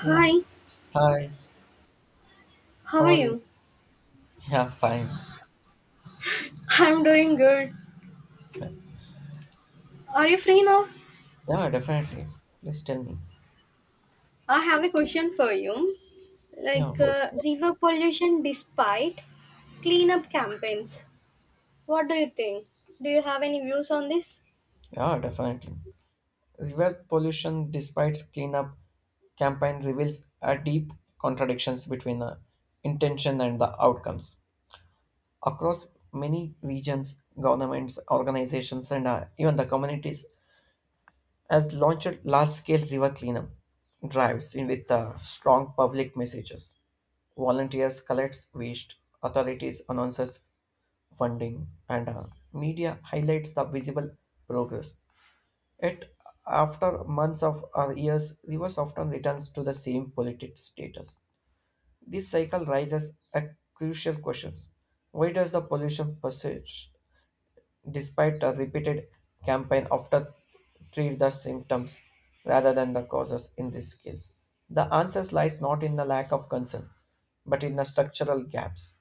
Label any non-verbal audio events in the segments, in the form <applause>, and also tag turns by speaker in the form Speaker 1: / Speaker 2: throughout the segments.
Speaker 1: Yeah. Hi.
Speaker 2: how
Speaker 1: How
Speaker 2: are
Speaker 1: are you?
Speaker 2: you?
Speaker 1: <laughs> Yeah, fine.
Speaker 2: I'm doing good.
Speaker 1: Fine.
Speaker 2: Are you free now?
Speaker 1: Yeah, definitely. Please tell me.
Speaker 2: I have a question for you.
Speaker 1: Yeah,
Speaker 2: Like
Speaker 1: what's
Speaker 2: river pollution despite cleanup campaigns. What do you think? Do you have any views on this?
Speaker 1: Yeah, definitely. River pollution, despite cleanup campaign, reveals a deep contradictions between the intention and the outcomes. Across many regions, governments, organizations, and even the communities has launched large-scale river cleanup drives in with strong public messages. Volunteers collects waste, authorities announces funding, and media highlights the visible progress. Yet, after months of or years, rivers often returns to the same polluted status. This cycle raises a crucial question: Why does the pollution persist? Despite a repeated campaign often treat the symptoms rather than the causes in these skills. The answer lies not in the lack of concern, but in the structural gaps.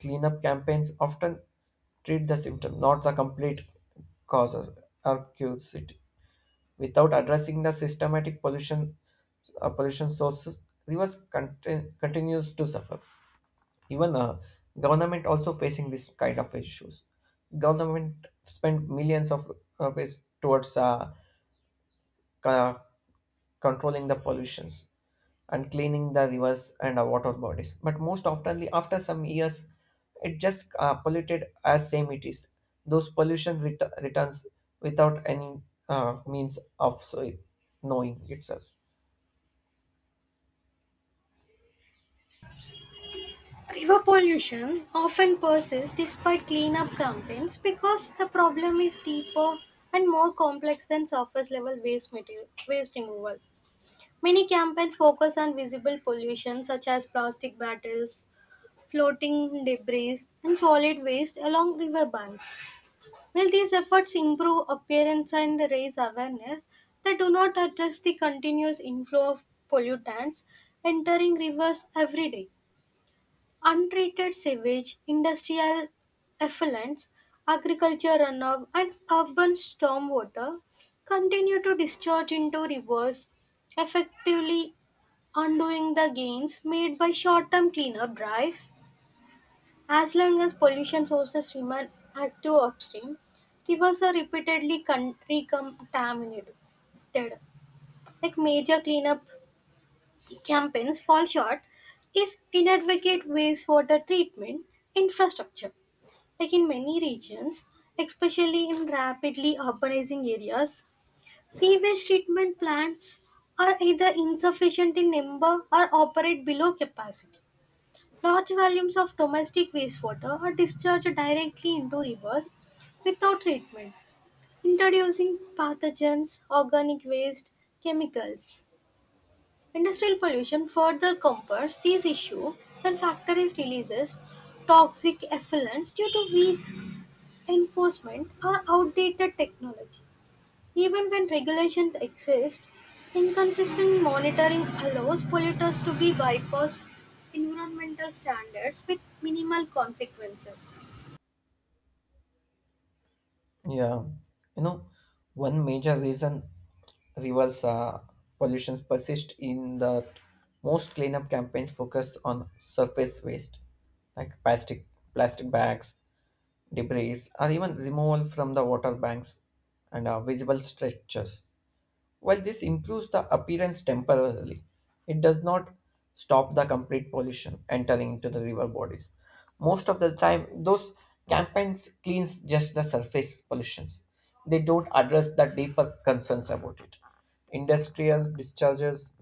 Speaker 1: Cleanup campaigns often treat the symptom, not the complete causes or cures it. Without addressing the systematic pollution, pollution sources, rivers continues to suffer even government also facing this kind of issues. Government spend millions of rupees towards co- controlling the pollutions and cleaning the rivers and water bodies, but most oftenly after some years it just polluted as same it is. Those pollution returns without any means of so knowing itself.
Speaker 2: River pollution often persists despite cleanup campaigns because the problem is deeper and more complex than surface level waste material, waste removal. Many campaigns focus on visible pollution such as plastic bottles, floating debris, and solid waste along riverbanks. While these efforts improve appearance and raise awareness, they do not address the continuous inflow of pollutants entering rivers every day. Untreated sewage, industrial effluents, agriculture runoff, and urban stormwater continue to discharge into rivers, effectively undoing the gains made by short term cleanup drives as long as pollution sources remain active upstream, rivers are repeatedly recontaminated. Like major cleanup campaigns fall short is inadequate wastewater treatment infrastructure. Like in many regions, especially in rapidly urbanizing areas, sewage treatment plants are either insufficient in number or operate below capacity. Large volumes of domestic wastewater are discharged directly into rivers without treatment, introducing pathogens, organic waste, chemicals. Industrial pollution further compounds these issues when factories releases toxic effluents due to weak enforcement or outdated technology. Even when regulations exist, inconsistent monitoring allows polluters to be bypass environmental standards with minimal consequences.
Speaker 1: Yeah, you know, one major reason rivers pollution persist in the most cleanup campaigns focus on surface waste like plastic bags, debris, or even removal from the water banks and visible stretches. While this improves the appearance temporarily, it does not stop the complete pollution entering into the river bodies. Most of the time, those campaigns cleans just the surface pollutions. They don't address the deeper concerns about it. Industrial discharges,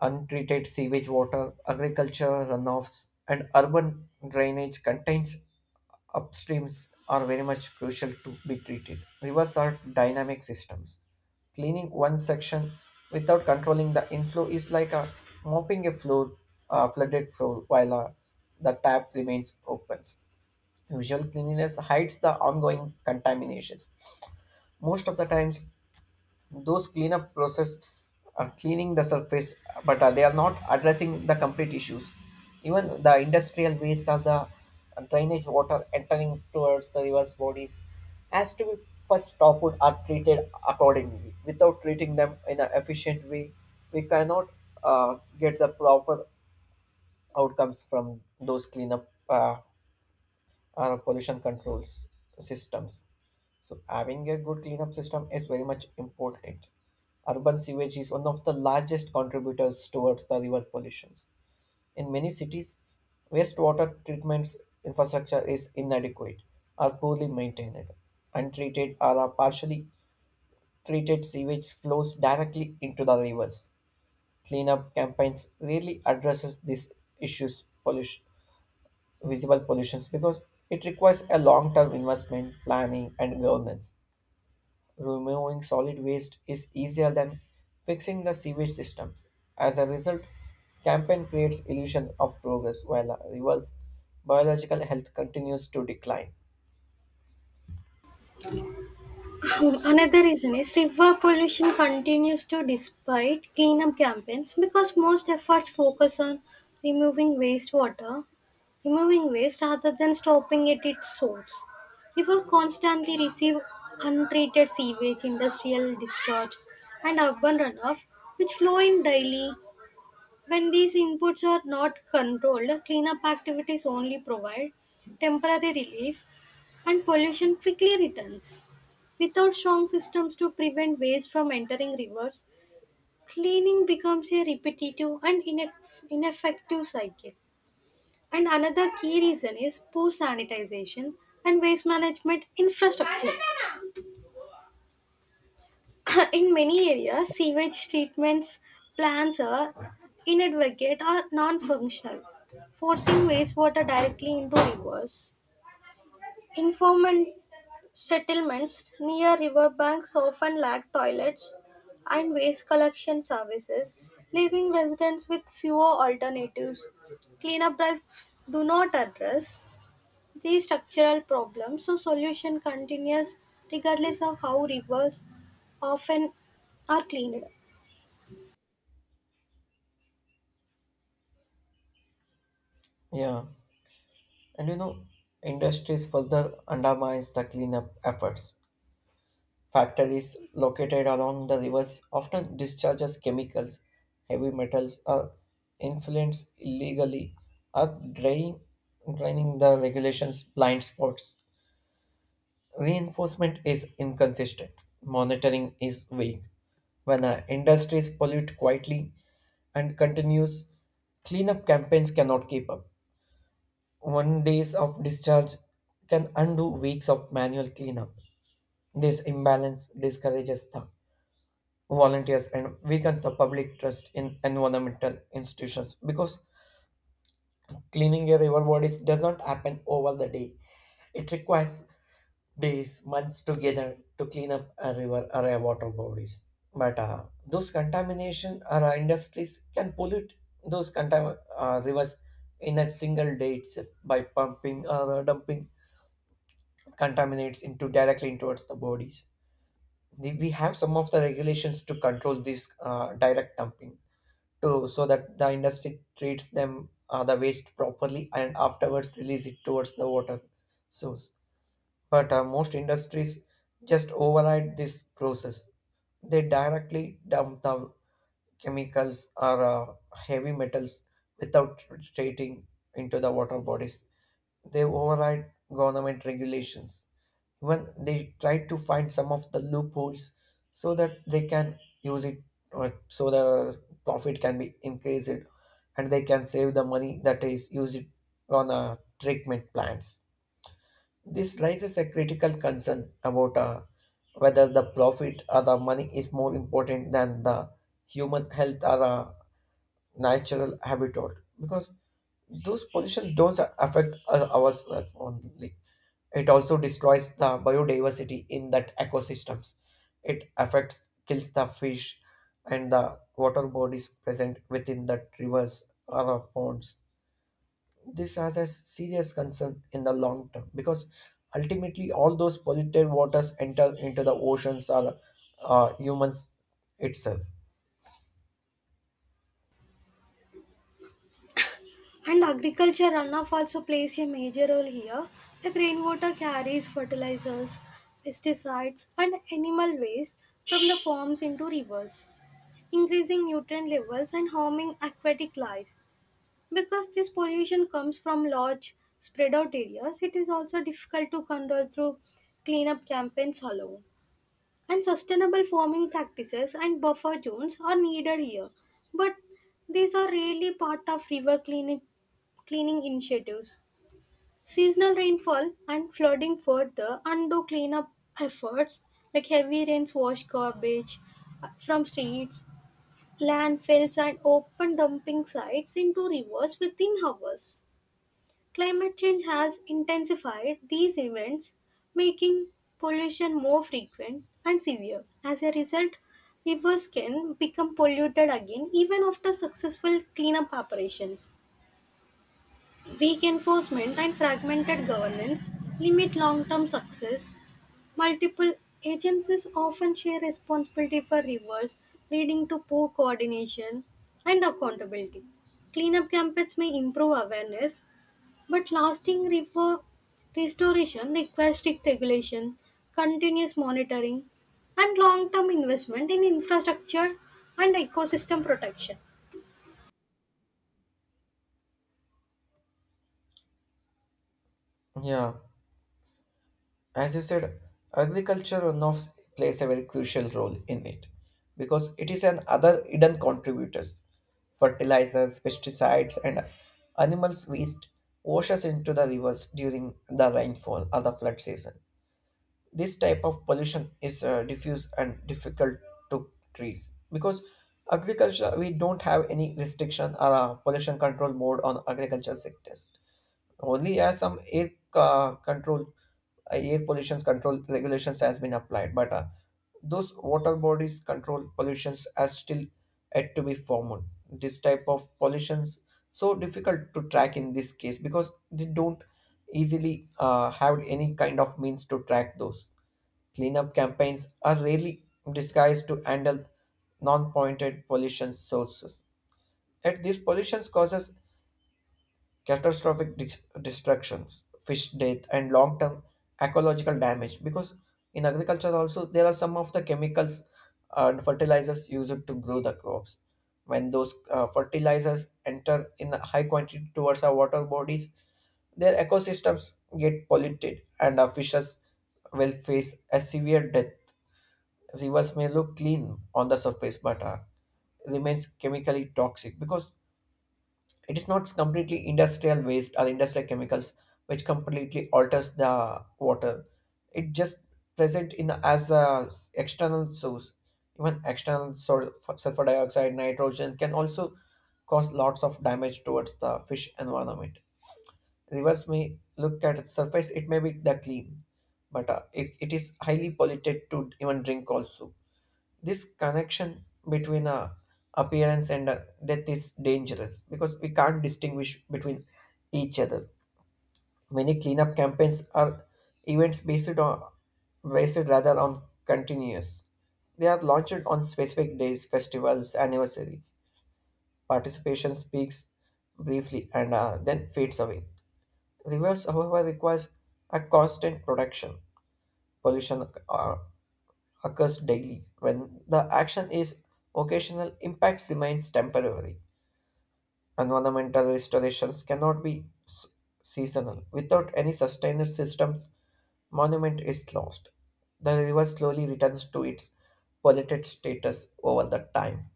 Speaker 1: untreated sewage water, agricultural runoffs, and urban drainage contains upstreams are very much crucial to be treated. Rivers are dynamic systems. Cleaning one section without controlling the inflow is like a mopping a floor, a flooded floor, while the tap remains open. Usual cleanliness hides the ongoing contaminations. Most of the times, those cleanup process are cleaning the surface but they are not addressing the complete issues. Even the industrial waste or the drainage water entering towards the river's bodies has to be first stopped or treated accordingly. Without treating them in an efficient way, we cannot get the proper outcomes from those cleanup pollution controls systems. So having a good cleanup system is very much important. Urban sewage is one of the largest contributors towards the river pollution. In many cities, wastewater treatment infrastructure is inadequate or poorly maintained. Untreated or partially treated sewage flows directly into the rivers. Cleanup campaigns rarely addresses these issues pollution visible pollutions because it requires a long term investment, planning, and governance. Removing solid waste is easier than fixing the sewage systems. As a result, campaign creates illusion of progress while reverse biological health continues to decline.
Speaker 2: So, another reason is river pollution continues to despite cleanup campaigns because most efforts focus on removing wastewater, removing waste rather than stopping it at its source. Rivers constantly receive untreated sewage, industrial discharge, and urban runoff, which flow in daily. When these inputs are not controlled, cleanup activities only provide temporary relief and pollution quickly returns. Without strong systems to prevent waste from entering rivers, cleaning becomes a repetitive and ineffective cycle. And another key reason is poor sanitization and waste management infrastructure. <coughs> In many areas, sewage treatments plants are inadvocate or non functional, forcing wastewater directly into rivers. Informal settlements near riverbanks often lack toilets and waste collection services, leaving residents with fewer alternatives. Cleanup drives do not address these structural problems, so solution continues regardless of how rivers often are cleaned.
Speaker 1: Yeah, and industries further undermines the cleanup efforts. Factories located along the rivers often discharges chemicals, heavy metals, or influence illegally, or draining the regulations blind spots. Reinforcement is inconsistent. Monitoring is weak. When industries pollute quietly and continues, cleanup campaigns cannot keep up. 1 days of discharge can undo weeks of manual cleanup. This imbalance discourages them, volunteers, and weakens the public trust in environmental institutions because cleaning a river bodies does not happen over the day. It requires days, months together to clean up a river or a water bodies. But those contamination or industries can pollute rivers in a single day itself by pumping or dumping contaminates into directly towards the bodies. We have some of the regulations to control this direct dumping, to so that the industry treats them the waste properly and afterwards release it towards the water source. But most industries just override this process. They directly dump the chemicals or heavy metals without treating into the water bodies. They override government regulations. Even they try to find some of the loopholes so that they can use it, so the profit can be increased and they can save the money that is used on treatment plants. This raises a critical concern about whether the profit or the money is more important than the human health or natural habitat, because those pollutions don't affect ourselves only. It also destroys the biodiversity in that ecosystems. It affects kills the fish and the water bodies present within that rivers or ponds. This has a serious concern in the long term because ultimately all those polluted waters enter into the oceans or humans itself.
Speaker 2: And agriculture runoff also plays a major role here. The rainwater carries fertilizers, pesticides, and animal waste from the farms into rivers increasing nutrient levels and harming aquatic life. Because this pollution comes from large spread out areas, it is also difficult to control through cleanup campaigns alone. And sustainable farming practices and buffer zones are needed here, but these are rarely part of river cleaning initiatives. Seasonal rainfall and flooding further undo cleanup efforts like heavy rains wash garbage from streets, landfills and open dumping sites into rivers within hours. Climate change has intensified these events, making pollution more frequent and severe. As a result, rivers can become polluted again even after successful cleanup operations. Weak enforcement and fragmented governance limit long term success. Multiple agencies often share responsibility for rivers, leading to poor coordination and accountability. Cleanup campaigns may improve awareness, but lasting river restoration requires strict regulation, continuous monitoring, and long term investment in infrastructure and ecosystem protection.
Speaker 1: Yeah. As you said, agriculture runoff plays a very crucial role in it because it is an other hidden contributors. Fertilizers, pesticides, and animals' waste washes into the rivers during the rainfall or the flood season. This type of pollution is diffuse and difficult to trace because agriculture we don't have any restriction or pollution control mode on agriculture sectors. Only as some air control air pollution control regulations has been applied, but those water bodies control pollutions as still yet to be formed. This type of pollutions so difficult to track in this case because they don't easily have any kind of means to track those. Cleanup campaigns are rarely disguised to handle non-pointed pollution sources, yet these pollutions causes catastrophic destructions, fish death, and long-term ecological damage. Because in agriculture also there are some of the chemicals and fertilizers used to grow the crops. When those fertilizers enter in a high quantity towards our water bodies, their ecosystems get polluted, and our fishes will face a severe death. Rivers may look clean on the surface, but remains chemically toxic because it is not completely industrial waste or industrial chemicals which completely alters the water. It just present in as a external source. Even sulfur dioxide, nitrogen can also cause lots of damage towards the fish environment. Rivers may look at its surface; it may be the clean, but it is highly polluted to even drink also. This connection between a appearance and a death is dangerous because we can't distinguish between each other. Many cleanup campaigns are events based on based rather on continuous. They are launched on specific days, festivals, anniversaries. Participation speaks briefly and then fades away. Reverse, however, requires a constant production. Pollution occurs daily. When the action is occasional, impacts remains temporary. Environmental restorations cannot be seasonal. Without any sustained systems, monument is lost. The river slowly returns to its polluted status over the time.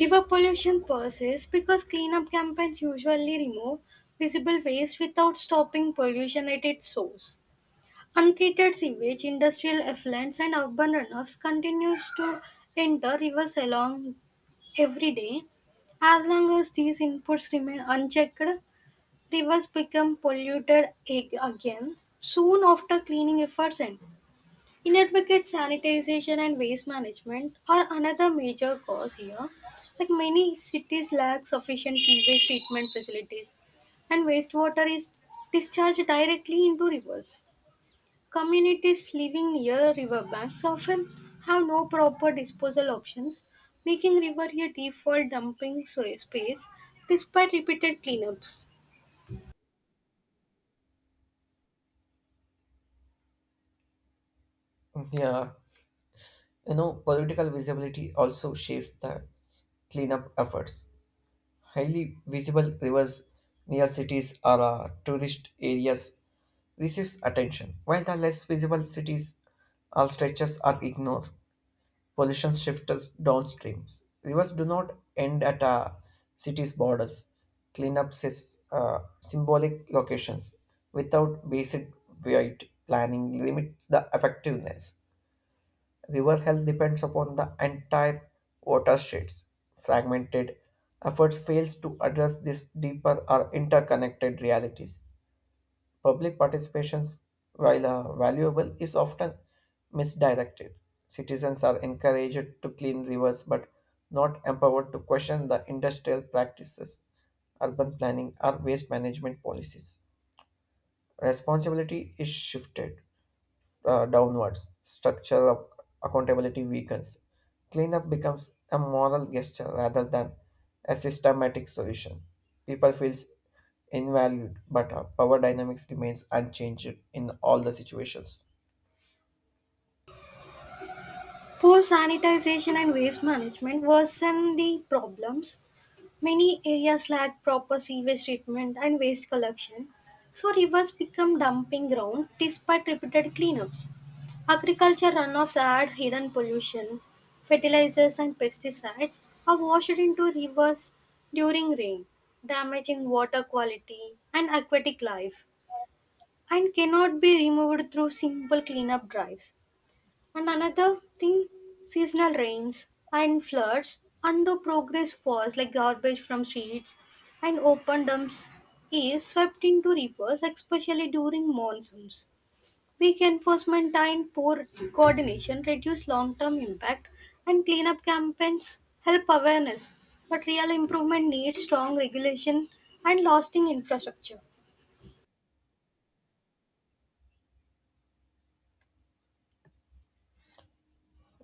Speaker 2: River pollution persists because cleanup campaigns usually remove visible waste without stopping pollution at its source. Untreated sewage, industrial effluents, and urban runoffs continues to enter rivers along every day. As long as these inputs remain unchecked, rivers become polluted again soon after cleaning efforts end. Inadequate sanitization and waste management are another major cause here. Like many cities lack sufficient sewage treatment facilities, and wastewater is discharged directly into rivers. Communities living near riverbanks often have no proper disposal options, making river a default dumping space despite repeated cleanups.
Speaker 1: Yeah, political visibility also shapes the cleanup efforts. Highly visible rivers near cities or tourist areas receives attention, while the less visible cities or stretches are ignored. Pollution shifts downstream. Rivers do not end at a city's borders. Cleanup is symbolic locations without basic weight planning limits the effectiveness. River health depends upon the entire watersheds. Fragmented efforts fails to address these deeper or interconnected realities. Public participation, while valuable, is often misdirected. Citizens are encouraged to clean rivers but not empowered to question the industrial practices, urban planning, or waste management policies. Responsibility is shifted downwards, structure of accountability weakens. Cleanup becomes a moral gesture rather than a systematic solution. People feels invalued, but power dynamics remains unchanged in all the situations.
Speaker 2: Poor sanitization and waste management worsen the problems. Many areas lack proper sewage treatment and waste collection, so rivers become dumping ground despite repeated cleanups. Agriculture runoffs add hidden pollution. Fertilizers and pesticides are washed into rivers during rain, damaging water quality and aquatic life, and cannot be removed through simple cleanup drives. And another thing, seasonal rains and floods undo progress falls like garbage from streets and open dumps is swept into rivers, especially during monsoons. Weak enforcement and poor coordination reduce long-term impact and cleanup campaigns help awareness, but real improvement needs strong regulation and lasting infrastructure.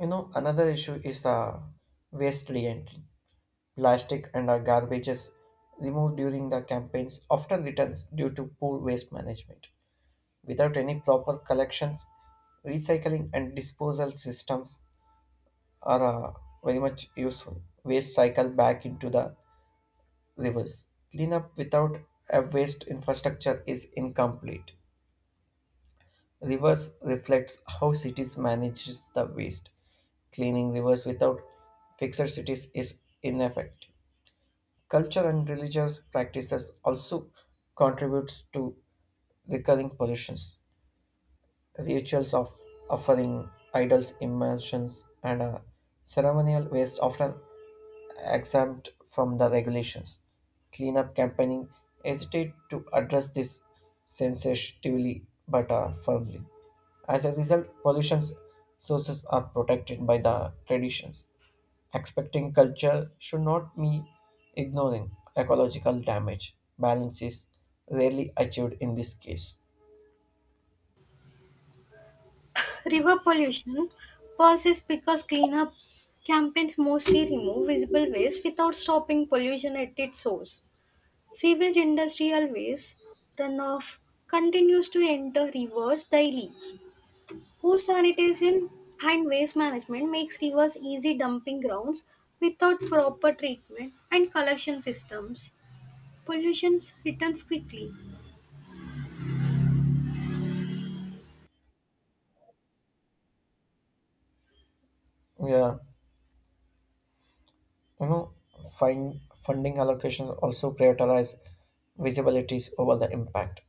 Speaker 1: Another issue is waste reentry. Plastic and garbages removed during the campaigns often returns due to poor waste management. Without any proper collections, recycling and disposal systems, are very much useful. Waste cycle back into the rivers. Cleanup without a waste infrastructure is incomplete. Rivers reflects how cities manages the waste. Cleaning rivers without fixed cities is ineffective. Culture and religious practices also contributes to recurring pollutions. Rituals of offering idols, immersions, and ceremonial waste often exempt from the regulations. Cleanup campaigning hesitate to address this sensitively but firmly. As a result, pollution sources are protected by the traditions. Expecting culture should not be ignoring ecological damage. Balance is rarely achieved in this case.
Speaker 2: River pollution persists because cleanup campaigns mostly remove visible waste without stopping pollution at its source. Sewage industrial waste runoff continues to enter rivers daily. Poor sanitation and waste management makes rivers easy dumping grounds without proper treatment and collection systems. Pollution returns quickly.
Speaker 1: Yeah. You know, find funding allocations also prioritize visibilities over the impact.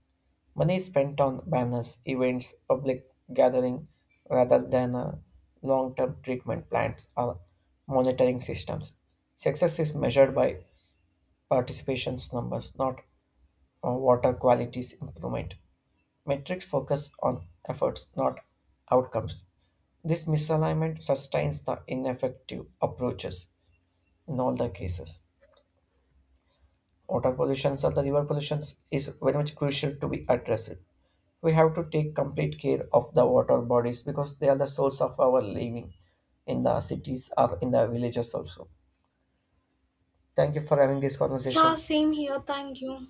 Speaker 1: Money is spent on banners, events, public gathering rather than long-term treatment plans or monitoring systems. Success is measured by participation's numbers, not water quality's improvement. Metrics focus on efforts, not outcomes. This misalignment sustains the ineffective approaches in all the cases. Water pollution or the river pollution is very much crucial to be addressed. We have to take complete care of the water bodies because they are the source of our living in the cities or in the villages also. Thank you for having this
Speaker 2: Yeah,
Speaker 1: conversation.
Speaker 2: same here. Thank you.